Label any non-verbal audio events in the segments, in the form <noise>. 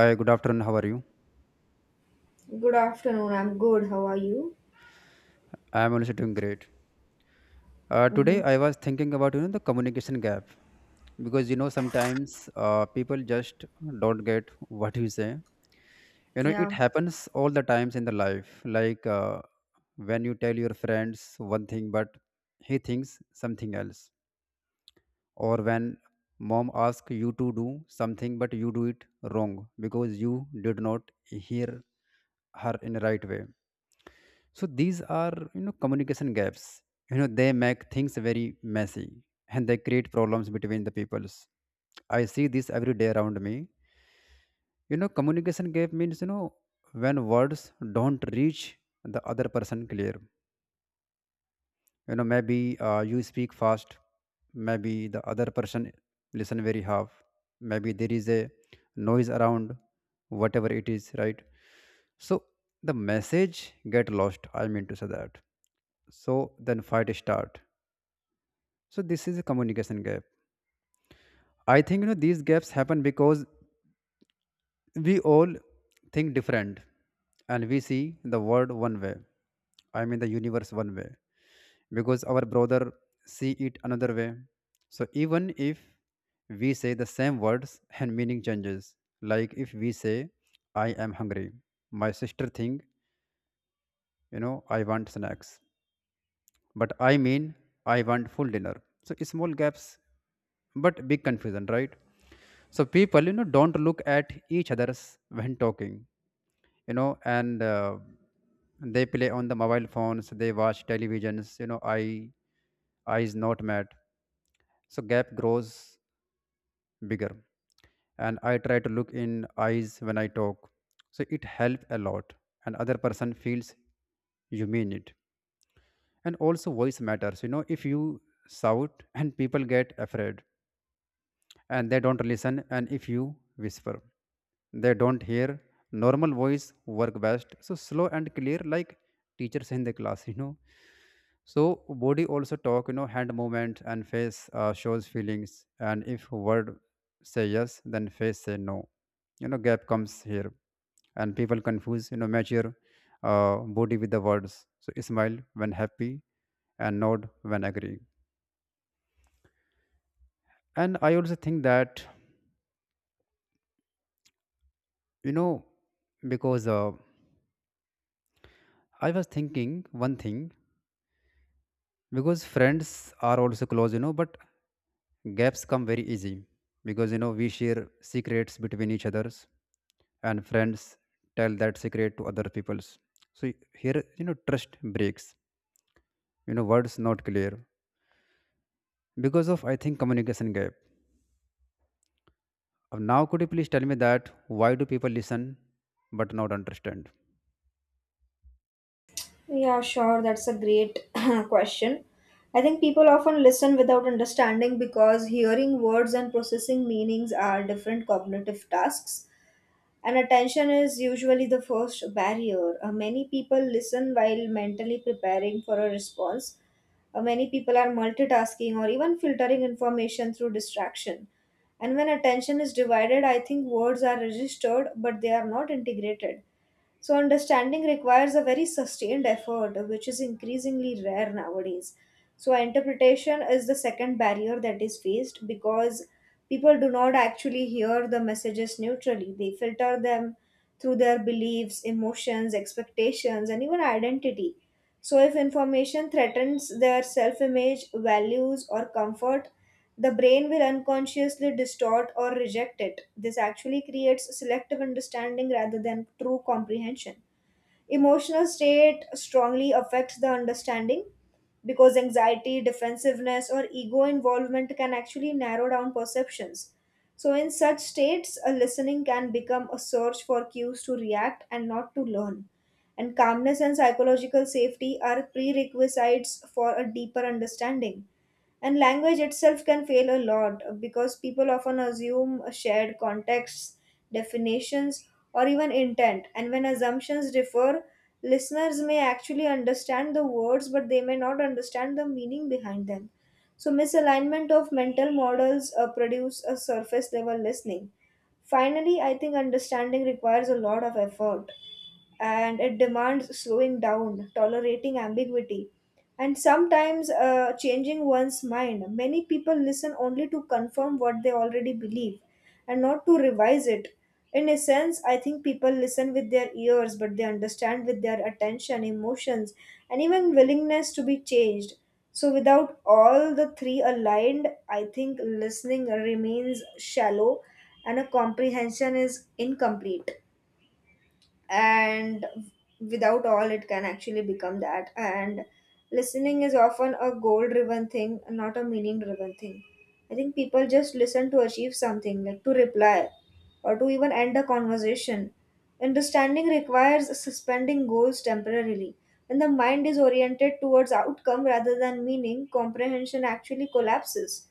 Hi, good afternoon. How are you? Good afternoon. I'm good. How are you? I am also doing great. Uh, Mm-hmm. today I was thinking about the communication gap because sometimes people just don't get what you say. It Yeah. happens all the times in the life. Like when you tell your friends one thing, but he thinks something else, or when mom asks you to do something, but you do it wrong because you did not hear her in the right way. So these are communication gaps. They make things very messy and they create problems between the peoples. I see this every day around me. Communication gap means when words don't reach the other person clear. Maybe you speak fast, maybe the other person listen very half, maybe there is a noise around, whatever it is, right? So the message get lost. I mean to say that, so then fight start. So this is a communication gap. I think these gaps happen because we all think different, and we see the world one way. I mean the universe one way, because our brother see it another way. So even if we say the same words, and meaning changes, like if we say I am hungry, my sister think I want snacks, but I mean I want full dinner. So small gaps, but big confusion, right? So people don't look at each other's when talking and they play on the mobile phones. They watch televisions eyes not met. So gap grows bigger, and I try to look in eyes when I talk. So it helps a lot, and other person feels you mean it. And also voice matters, you know, if you shout and people get afraid and they don't listen. And if you whisper, they don't hear. Normal voice work best, so slow and clear like teachers in the class. <laughs> So body also talk, you know, hand movement and face shows feelings. And if word say yes then face say no, gap comes here, and people confuse mature body with the words. So smile when happy, and nod when agree. And I also think that, you know, because I was thinking one thing, because friends are also close but gaps come very easy because we share secrets between each others, and friends tell that secret to other people's. So here trust breaks words not clear because of, I think, communication gap. Now, could you please tell me that why do people listen but not understand? Yeah, sure. That's a great <clears throat> question. I think people often listen without understanding because hearing words and processing meanings are different cognitive tasks, and attention is usually the first barrier. Many people listen while mentally preparing for a response. Many people are multitasking or even filtering information through distraction. And when attention is divided, I think words are registered, but they are not integrated. So, understanding requires a very sustained effort, which is increasingly rare nowadays. So, interpretation is the second barrier that is faced because people do not actually hear the messages neutrally. They filter them through their beliefs, emotions, expectations, and even identity. So, if information threatens their self image, values, or comfort, the brain will unconsciously distort or reject it. This actually creates selective understanding rather than true comprehension. Emotional state strongly affects the understanding because anxiety, defensiveness, or ego involvement can actually narrow down perceptions. So, in such states, a listening can become a search for cues to react and not to learn. And calmness and psychological safety are prerequisites for a deeper understanding. And language itself can fail a lot because people often assume a shared contexts, definitions, or even intent. And when assumptions differ, listeners may actually understand the words, but they may not understand the meaning behind them. So, misalignment of mental models produce a surface level listening. Finally, I think understanding requires a lot of effort and it demands slowing down, tolerating ambiguity, and sometimes changing one's mind. Many people listen only to confirm what they already believe and not to revise it. In a sense, I think people listen with their ears, but they understand with their attention, emotions, and even willingness to be changed. So, without all the three aligned, I think listening remains shallow and a comprehension is incomplete and without all it can actually become that. And listening is often a goal driven thing, not a meaning driven thing. I think people just listen to achieve something, like to reply or to even end a conversation. Understanding requires suspending goals temporarily. When the mind is oriented towards outcome rather than meaning, comprehension actually collapses.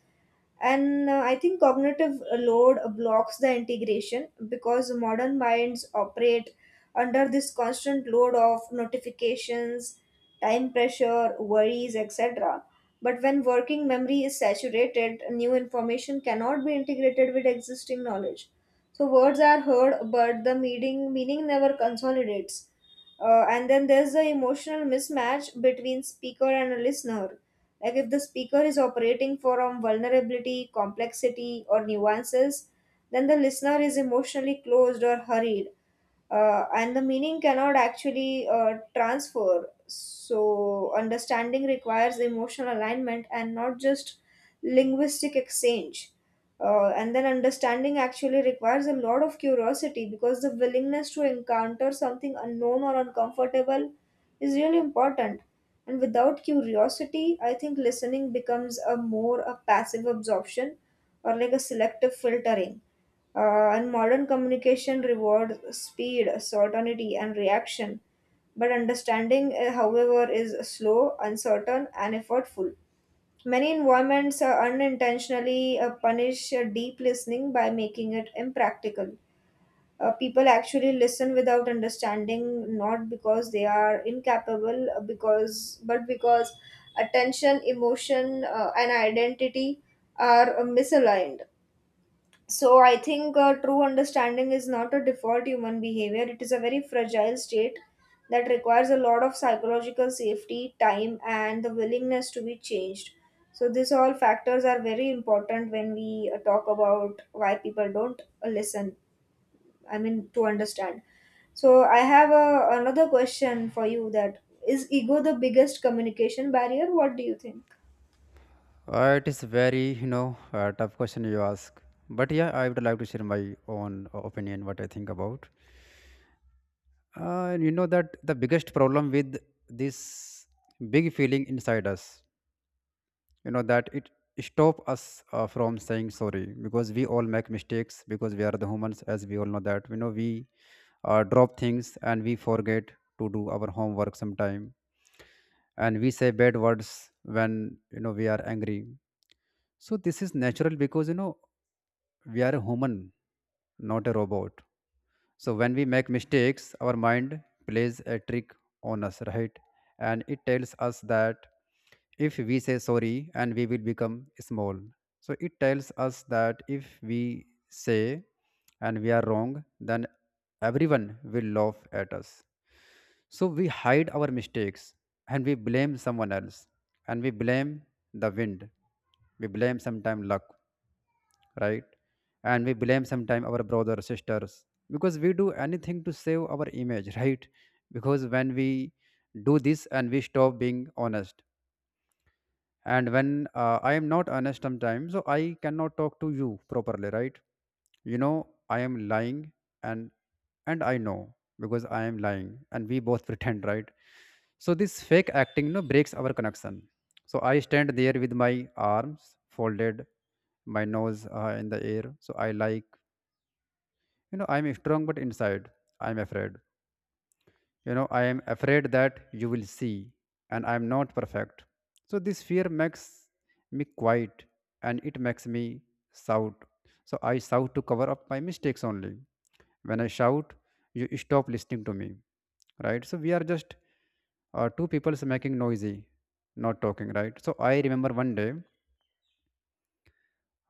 And I think cognitive load blocks the integration because modern minds operate under this constant load of notifications, time pressure, worries, etc. But when working memory is saturated, new information cannot be integrated with existing knowledge. So words are heard, but the meaning never consolidates. And then there's the emotional mismatch between speaker and a listener, like if the speaker is operating from vulnerability, complexity, or nuances, then the listener is emotionally closed or hurried, and the meaning cannot actually transfer. So, understanding requires emotional alignment and not just linguistic exchange. And then, understanding actually requires a lot of curiosity because the willingness to encounter something unknown or uncomfortable is really important. And without curiosity, I think listening becomes a more a passive absorption or like a selective filtering, and modern communication rewards speed, certainty, and reaction. But understanding, however, is slow, uncertain, and effortful. Many environments unintentionally punish deep listening by making it impractical. People actually listen without understanding, not because they are incapable, because but because attention, emotion, and identity are misaligned. So I think true understanding is not a default human behavior. It is a very fragile state that requires a lot of psychological safety, time, and the willingness to be changed. So these all factors are very important when we talk about why people don't listen. I mean to understand. So I have a, another question for you. That is ego the biggest communication barrier? What do you think? It is very tough question you ask. But yeah, I would like to share my own opinion, what I think about. You know that the biggest problem with this big feeling inside us that it stop us from saying sorry, because we all make mistakes, because we are the humans, as we all know that. We drop things and we forget to do our homework sometime, and we say bad words when we are angry. So this is natural because we are human, not a robot. So when we make mistakes, our mind plays a trick on us, right? And it tells us that if we say sorry and we will become small. So it tells us that if we say and we are wrong, then everyone will laugh at us. So we hide our mistakes, and we blame someone else, and we blame the wind. We blame sometime luck, right? And we blame sometimes our brothers, sisters, because we do anything to save our image, <laughs> right? Because when we do this and we stop being honest, and when I am not honest sometimes, so I cannot talk to you properly, right? I am lying. And I know because I am lying, and we both <laughs> pretend, right? So this fake acting breaks our connection. So I stand there with my arms folded, my nose in the air. So I like, you know, I'm strong, but inside I'm afraid. I am afraid that you will see and I am not perfect. So this fear makes me quiet, and it makes me shout. So I shout to cover up my mistakes only. When I shout, you stop listening to me, right? So we are just two people making noisy, not talking, right? So I remember one day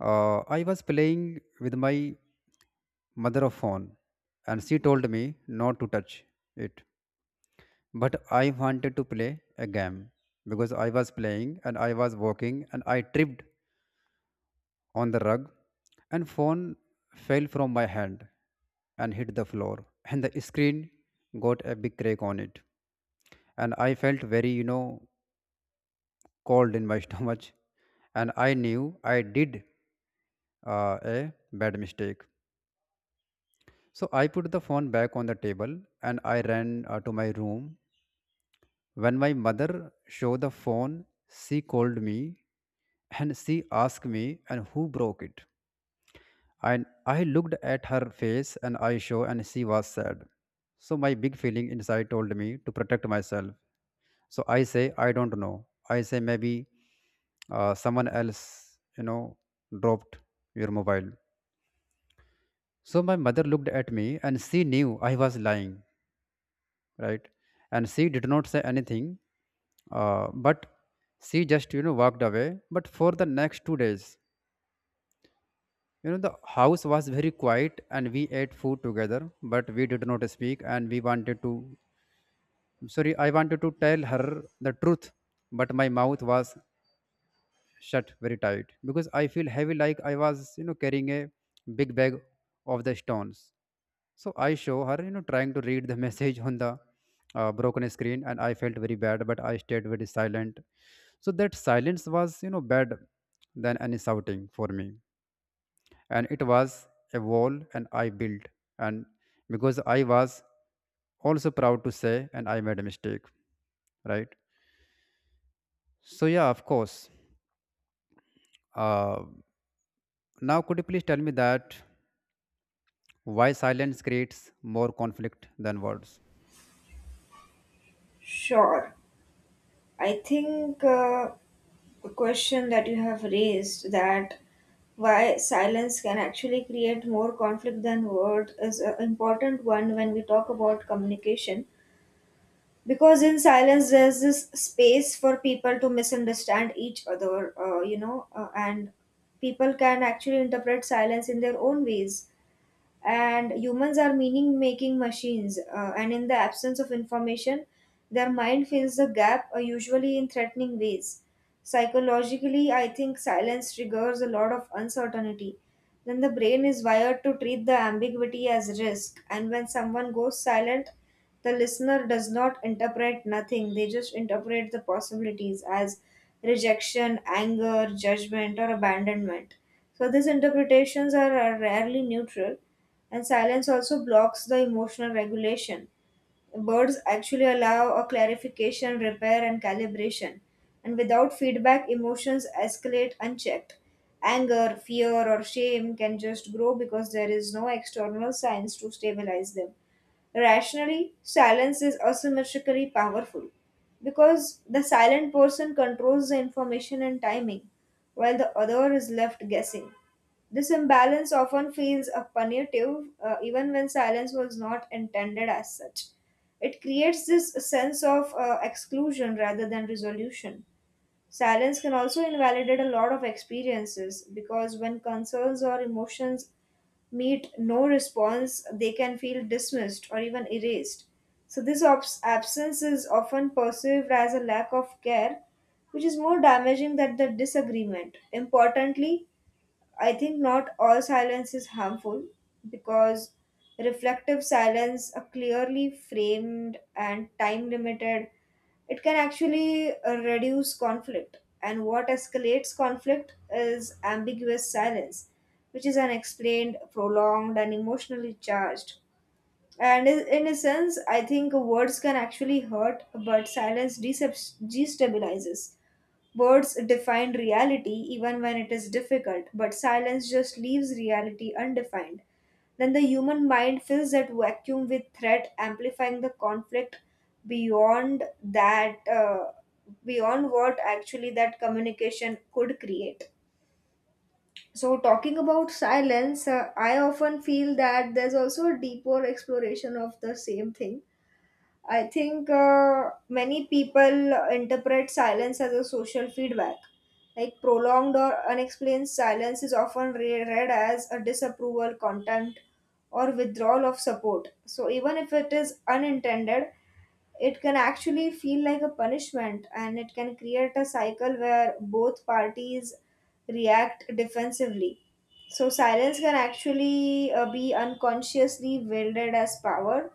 I was playing with my mother of phone, and she told me not to touch it. But I wanted to play a game, because I was playing and I was walking and I tripped on the rug, and phone fell from my hand and hit the floor and the screen got a big crack on it. And I felt very cold in my <laughs> stomach, and I knew I did a bad mistake. So I put the phone back on the table and I ran to my room. When my mother showed the phone, she called me and she asked me and who broke it. And I looked at her face and I show and she was sad. So my big feeling inside told me to protect myself. So I say I don't know. I say maybe someone else, dropped your mobile. So my mother looked at me and she knew I was lying, right? And she did not say anything, but she just walked away. But for the next 2 days, the house was very quiet, and we ate food together, but we did not speak, and we wanted to. Sorry, I wanted to tell her the truth, but my mouth was shut very tight because I feel heavy, like I was carrying a big bag of the stones. So I show her, trying to read the <laughs> message on the broken screen, and I felt very bad, but I stayed very silent. So that silence was bad than any shouting for me. And it was a wall, and I built. And because I was also proud to say, and I made a mistake, right? So, yeah, of course. Uh, now, could you please tell me that why silence creates more conflict than words? Sure. I think the question that you have raised, that why silence can actually create more conflict than words, is an important one when we talk about communication, because in silence there's this space for people to misunderstand each other, and people can actually interpret silence in their own ways. And humans are meaning making machines, and in the absence of information their mind fills the gap, usually in threatening ways. Psychologically, I think silence triggers a lot of uncertainty. Then the brain is wired to treat the ambiguity as risk, and when someone goes silent, the listener does not interpret nothing, they just interpret the possibilities as rejection, anger, judgment, or abandonment. So these interpretations are rarely neutral. And silence also blocks the emotional regulation. Birds actually allow a clarification, repair, and calibration. And without feedback, emotions escalate unchecked. Anger, fear, or shame can just grow because there is no external signs to stabilize them. Rationally, silence is asymmetrically powerful because the silent person controls the information and timing, while the other is left guessing. This imbalance often feels punitive, even when silence was not intended as such. It creates this sense of exclusion rather than resolution. Silence can also invalidate a lot of experiences because when concerns or emotions meet no response, they can feel dismissed or even erased. So, this absence is often perceived as a lack of care, which is more damaging than the disagreement. Importantly, I think not all silence is harmful because reflective silence, a clearly framed and time limited, it can actually reduce conflict. And what escalates conflict is ambiguous silence, which is unexplained, prolonged, and emotionally charged. And in a sense, I think words can actually hurt, but silence destabilizes. Words define reality even when it is difficult, but silence just leaves reality undefined. Then the human mind fills that vacuum with threat, amplifying the conflict beyond that, uh, beyond what actually that communication could create. So, talking about silence, I often feel that there's also a deeper exploration of the same thing. I think many people interpret silence as a social feedback. Like prolonged or unexplained silence is often read as a disapproval, contempt, or withdrawal of support. So even if it is unintended, it can actually feel like a punishment, and it can create a cycle where both parties react defensively. So silence can actually be unconsciously wielded as power,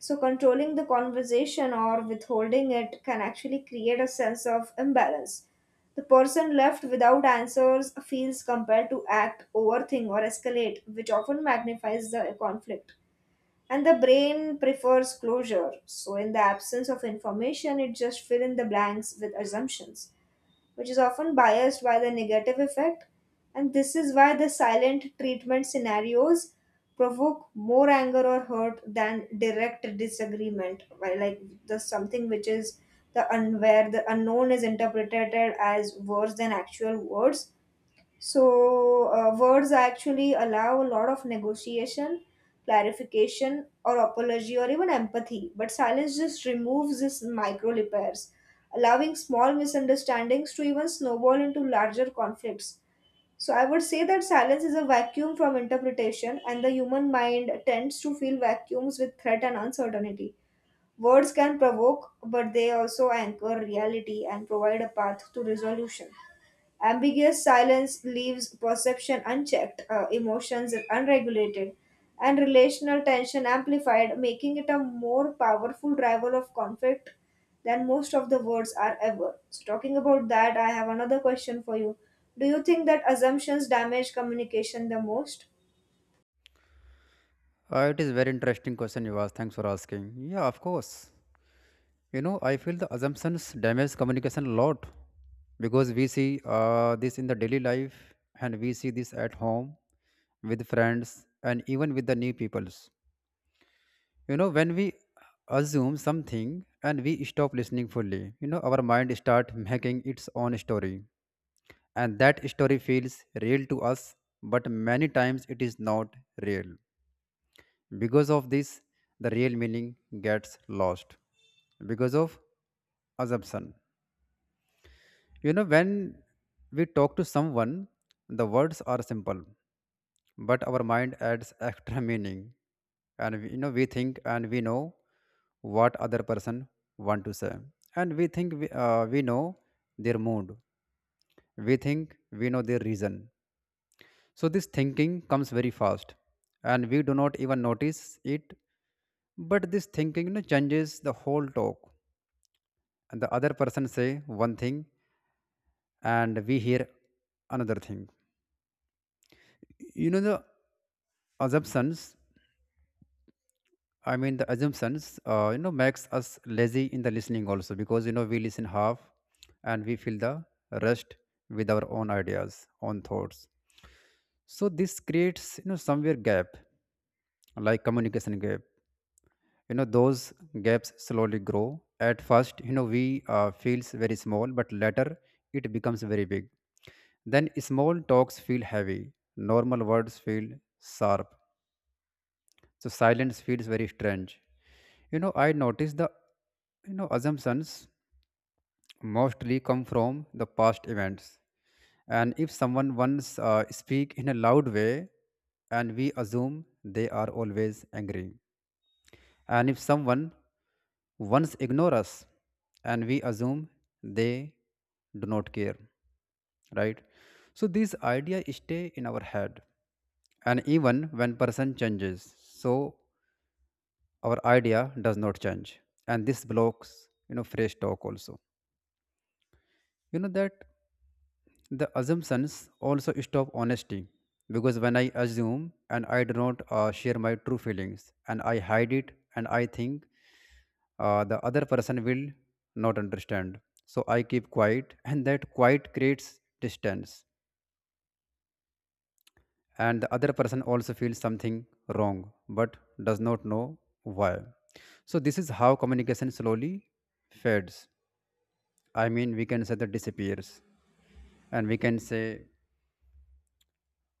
so controlling the conversation or withholding it can actually create a sense of imbalance. The person left without answers feels compelled to act, overthink, or escalate, which often magnifies the conflict. And the brain prefers closure. So, in the absence of information, it just fill in the blanks with assumptions, which is often biased by the negative effect, and this is why the silent treatment scenarios provoke more anger or hurt than direct disagreement, right? Like the something which is the unknown is interpreted as worse than actual words. So, words actually allow a lot of negotiation, clarification, or apology, or even empathy. But silence just removes these micro repairs, allowing small misunderstandings to even snowball into larger conflicts. So, I would say that silence is a vacuum from interpretation, and the human mind tends to fill vacuums with threat and uncertainty. Words can provoke, but they also anchor reality and provide a path to resolution. Ambiguous silence leaves perception unchecked, emotions unregulated, and relational tension amplified, making it a more powerful driver of conflict than most of the words are ever. So, talking about that, I have another question for you. Do you think that assumptions damage communication the most? It is very interesting question you asked. Thanks for asking. Yeah, of course. I feel the assumptions damage communication a lot, because we see this in the daily life, and we see this at home with friends and even with the new peoples. When we assume something and we stop listening fully, our mind start making its own story, and that story feels real to us, but many times it is not real. Because of this, the real meaning gets lost because of assumption. When we talk to someone, the words are simple, but our mind adds extra <laughs> meaning. And we think and we know what other person want to say, and we think we know their mood. We think we know their reason. So this thinking comes very fast, and we do not even notice it. But this thinking changes the whole talk. And the other person say one thing, and we hear another thing. The assumptions, I mean the assumptions makes us lazy in the listening also, because we listen half, and we feel the rest with our own ideas, own thoughts. So this creates somewhere gap, like communication gap. Those gaps slowly grow. At first we feels very small, but later it becomes very big. Then small talks feel heavy, normal words feel sharp. So silence feels very strange. I notice the assumptions mostly come from the past events. And if someone once speak in a loud way, and we assume they are always angry. And if someone once ignore us, and we assume they do not care, right? So these idea stay in our head, and even when person changes, so our idea does not change, and this blocks, you know, fresh talk also. You know that the assumptions also stop honesty, because when I assume and I do not share my true feelings, and I hide it, and I think the other person will not understand, so I keep quiet, and that quiet creates distance, and the other person also feels something wrong but does not know why. So this is how communication slowly fades. I mean, we can say that disappears, and we can say,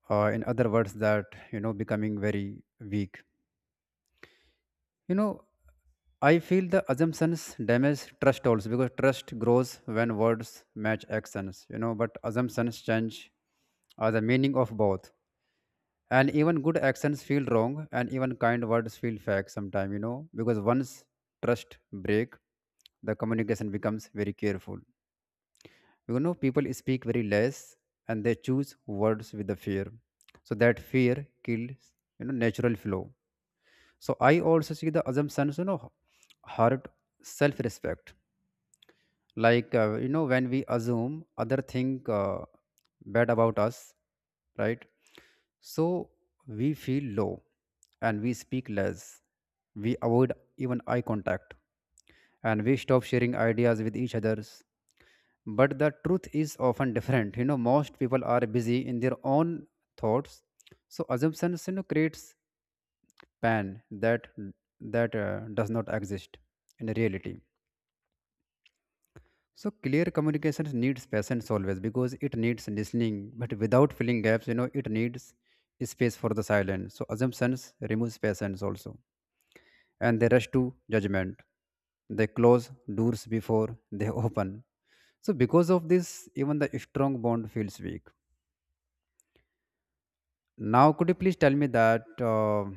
in other words, that, you know, becoming very weak. You know, I feel the assumptions damage trust also, because trust grows when words match actions. You know, but assumptions change the meaning of both, and even good actions feel wrong, and even kind words feel fake sometimes. You know, because once trust break, the communication becomes very careful. You know, people speak very less, and they choose words with the fear, so that fear kills, you know, natural flow. So I also see the assumptions, you know, hurt self-respect. Like you know, when we assume other think bad about us, right? So we feel low, and we speak less, we avoid even eye contact, and we stop sharing ideas with each others. But the truth is often different, you know, most people are busy in their own thoughts. So assumptions, you know, creates pan that does not exist in reality. So clear communications needs patience always, because it needs listening but without filling gaps, you know, it needs space for the silence. So assumptions removes patience also, and they rush to judgment, they close doors before they <laughs> open. So because of this, even the strong bond feels weak. Now, could you please tell me that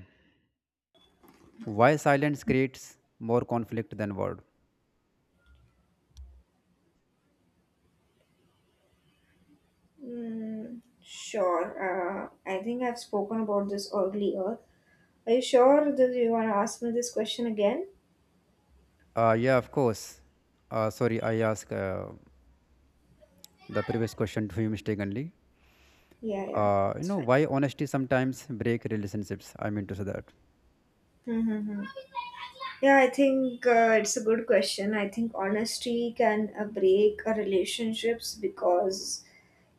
why silence creates more conflict than word? Mm, sure. I think I've spoken about this earlier. Are you sure that you want to ask me this question again? Yeah, of course. Sorry, I asked the previous question to you mistakenly. Yeah, yeah, You it's know fine. why honesty sometimes break relationships. I mean to say that. Mm-hmm. Yeah, I think it's a good question. I think honesty can break relationships because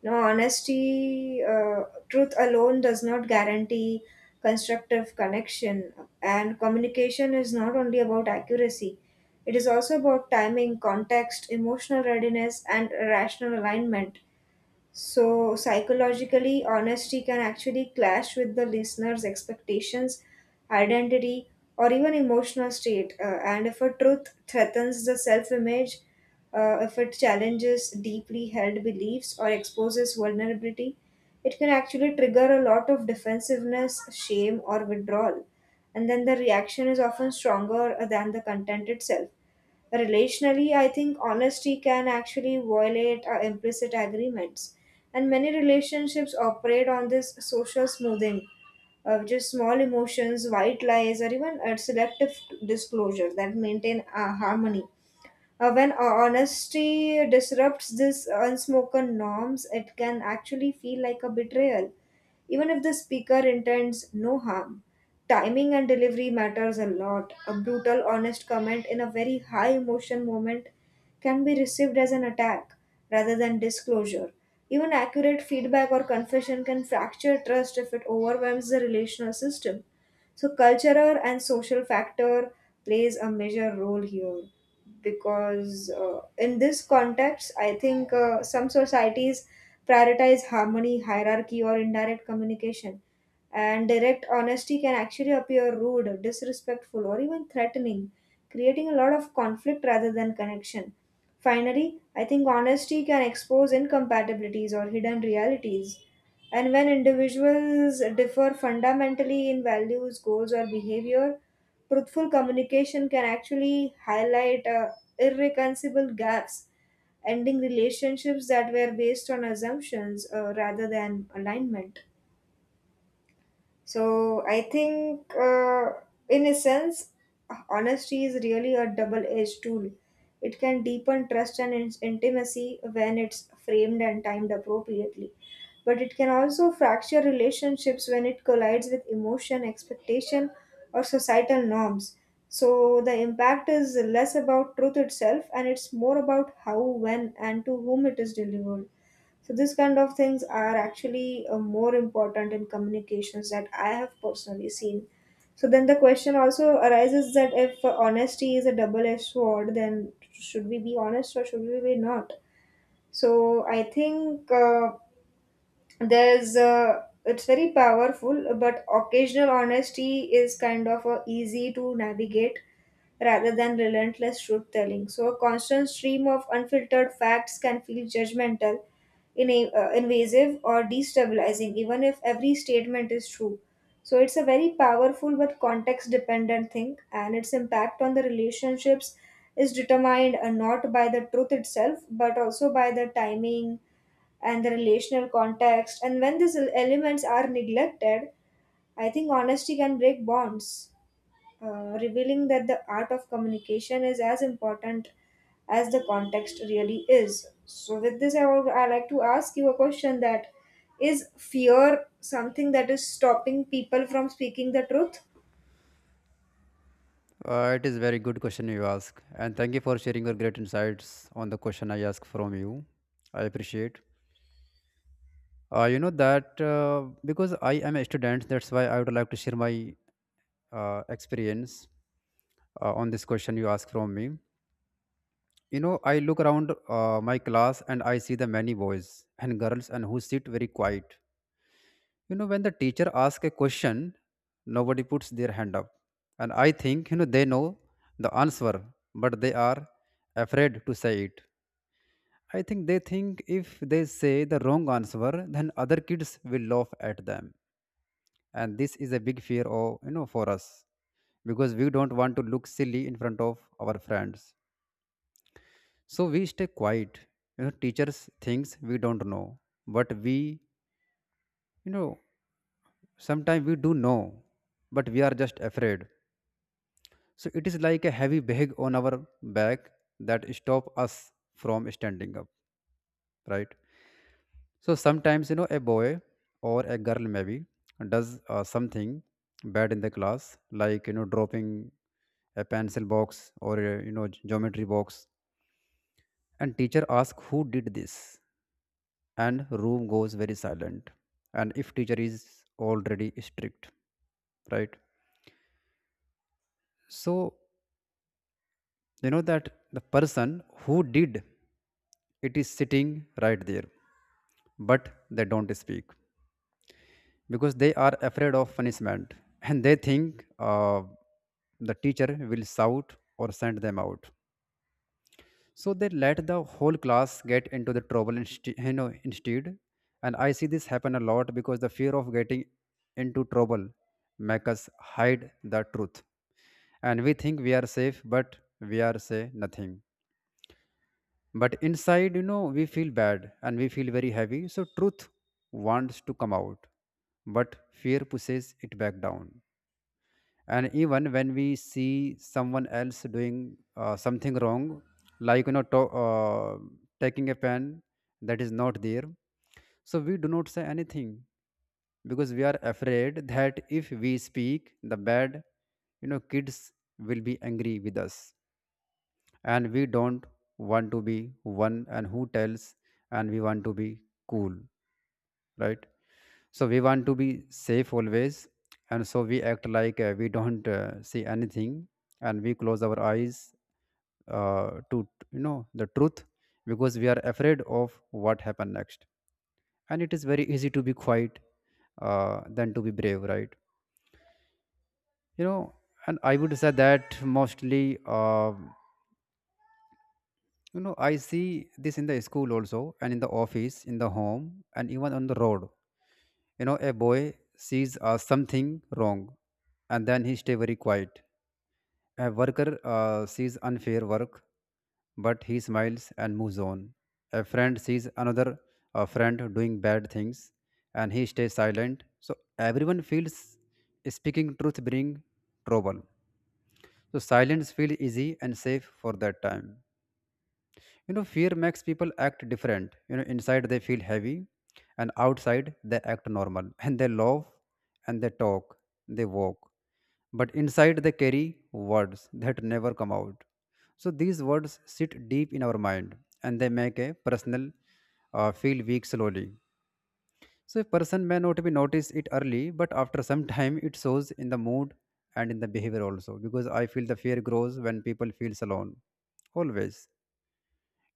you know honesty, truth alone does not guarantee constructive connection. And communication is not only about accuracy; it is also about timing, context, emotional readiness, and rational alignment. So, psychologically, honesty can actually clash with the listener's expectations, identity, or even emotional state. And if a truth threatens the self image, if it challenges deeply held beliefs or exposes vulnerability, it can actually trigger a lot of defensiveness, shame, or withdrawal. And then the reaction is often stronger than the content itself. Relationally, I think honesty can actually violate implicit agreements. And many relationships operate on this social smoothing, which is small emotions, white lies, or even selective disclosure that maintain harmony. When honesty disrupts these unspoken norms, it can actually feel like a betrayal, even if the speaker intends no harm. Timing and delivery matters a lot. A brutal, honest comment in a very high emotion moment can be received as an attack rather than disclosure. Even accurate feedback or confession can fracture trust if it overwhelms the relational system. So cultural and social factor plays a major role here, because in this context, I think some societies prioritize harmony, hierarchy, or indirect communication, and direct honesty can actually appear rude, disrespectful, or even threatening, creating a lot of conflict rather than connection. Finally, I think honesty can expose incompatibilities or hidden realities. And when individuals differ fundamentally in values, goals, or behavior, truthful communication can actually highlight irreconcilable gaps, ending relationships that were based on assumptions rather than alignment. So I think, in a sense, honesty is really a double edged tool. It can deepen trust and intimacy when it's framed and timed appropriately. But it can also fracture relationships when it collides with emotion, expectation, or societal norms. So the impact is less about truth itself, and it's more about how, when, and to whom it is delivered. So these kind of things are actually more important in communications that I have personally seen. So then the question also arises that if honesty is a double-edged sword, then should we be honest or should we be not? So I think there's it's very powerful, but occasional honesty is kind of easy to navigate rather than relentless truth telling. So a constant stream of unfiltered facts can feel judgmental in a, invasive or destabilizing even if every statement is true. So it's a very powerful but context dependent thing, and its impact on the relationships is determined not by the truth itself, but also by the timing and the relational context. And when these elements are neglected, I think honesty can break bonds, revealing that the art of communication is as important as the context really is. So, with this, I like to ask you a question, that is fear something that is stopping people from speaking the truth? It is very good question you ask, and thank you for sharing your great insights on the question I asked from you. I appreciate. You know that because I am a student, that's why I would like to share my experience on this question you asked from me. You know, I look around my class, and I see the many boys and girls and who sit very quiet. You know, when the teacher asks a question, nobody puts their hand up. And I think, you know, they know the answer, but they are afraid to say it. I think they think if they say the wrong answer, then other kids will laugh at them. And this is a big fear of, you know, for us, because we don't want to look silly in front of our friends. So we stay quiet. You know, teachers thinks we don't know, but we, you know, sometimes we do know, but we are just afraid. So it is like a heavy bag on our back that stop us from standing up, right? So sometimes, you know, a boy or a girl maybe does something bad in the class, like, you know, dropping a pencil box or a, you know, geometry box, and teacher asks who did this, and room goes very silent. And if teacher is already strict, right, so you know that the person who did it is sitting right there, but they don't speak because they are afraid of punishment, and they think the teacher will shout or send them out. So they let the whole class get into the trouble you know, instead. And I see this happen a lot, because the fear of getting into trouble make us hide the truth. And we think we are safe, but we are say nothing. But inside, you know, we feel bad and we feel very heavy. So truth wants to come out, but fear pushes it back down. And even when we see someone else doing something wrong, like, you know, taking a pen that is not there, so we do not say anything, because we are afraid that if we speak the bad, you know, kids will be angry with us. And we don't want to be one and who tells, and we want to be cool, right? So we want to be safe always, and so we act like we don't see anything, and we close our eyes to, you know, the truth, because we are afraid of what happened next. And it is very easy to be quiet than to be brave, right? You know, and I would say that mostly you know, I see this in the school also, and in the office, in the home, and even on the road. You know, a boy sees something wrong, and then he stay very quiet. A worker sees unfair work, but he smiles and moves on. A friend sees another friend doing bad things, and he stays silent. So everyone feels speaking truth bring trouble. So silence feel easy and safe for that time. You know, fear makes people act different. You know, inside they feel heavy, and outside they act normal. <laughs> And they laugh, and they talk, they walk. But inside they carry words that never come out. So these words sit deep in our mind, and they make a personal feel weak slowly. So a person may not be notice it early, but after some <laughs> time it shows in the mood and in the behavior also. Because I feel the fear grows when people feels alone, always.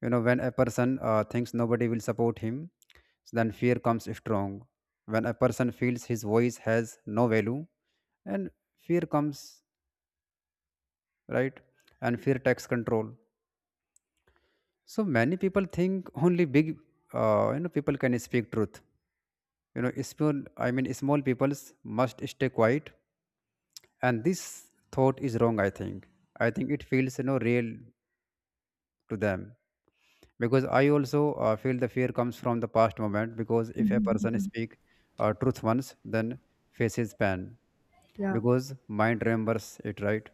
You know, when a person thinks nobody will support him, then fear comes strong. When a person feels his voice has no value, and fear comes, right? And fear takes control. So many people think only big, you know, people can speak truth. You know, small, I mean, small peoples must stay quiet. And this thought is wrong, I think. I think it feels, you know, real to them, because I also feel the fear comes from the past moment, because if a person speak truth once, then faces pain, Yeah. because mind remembers it, right?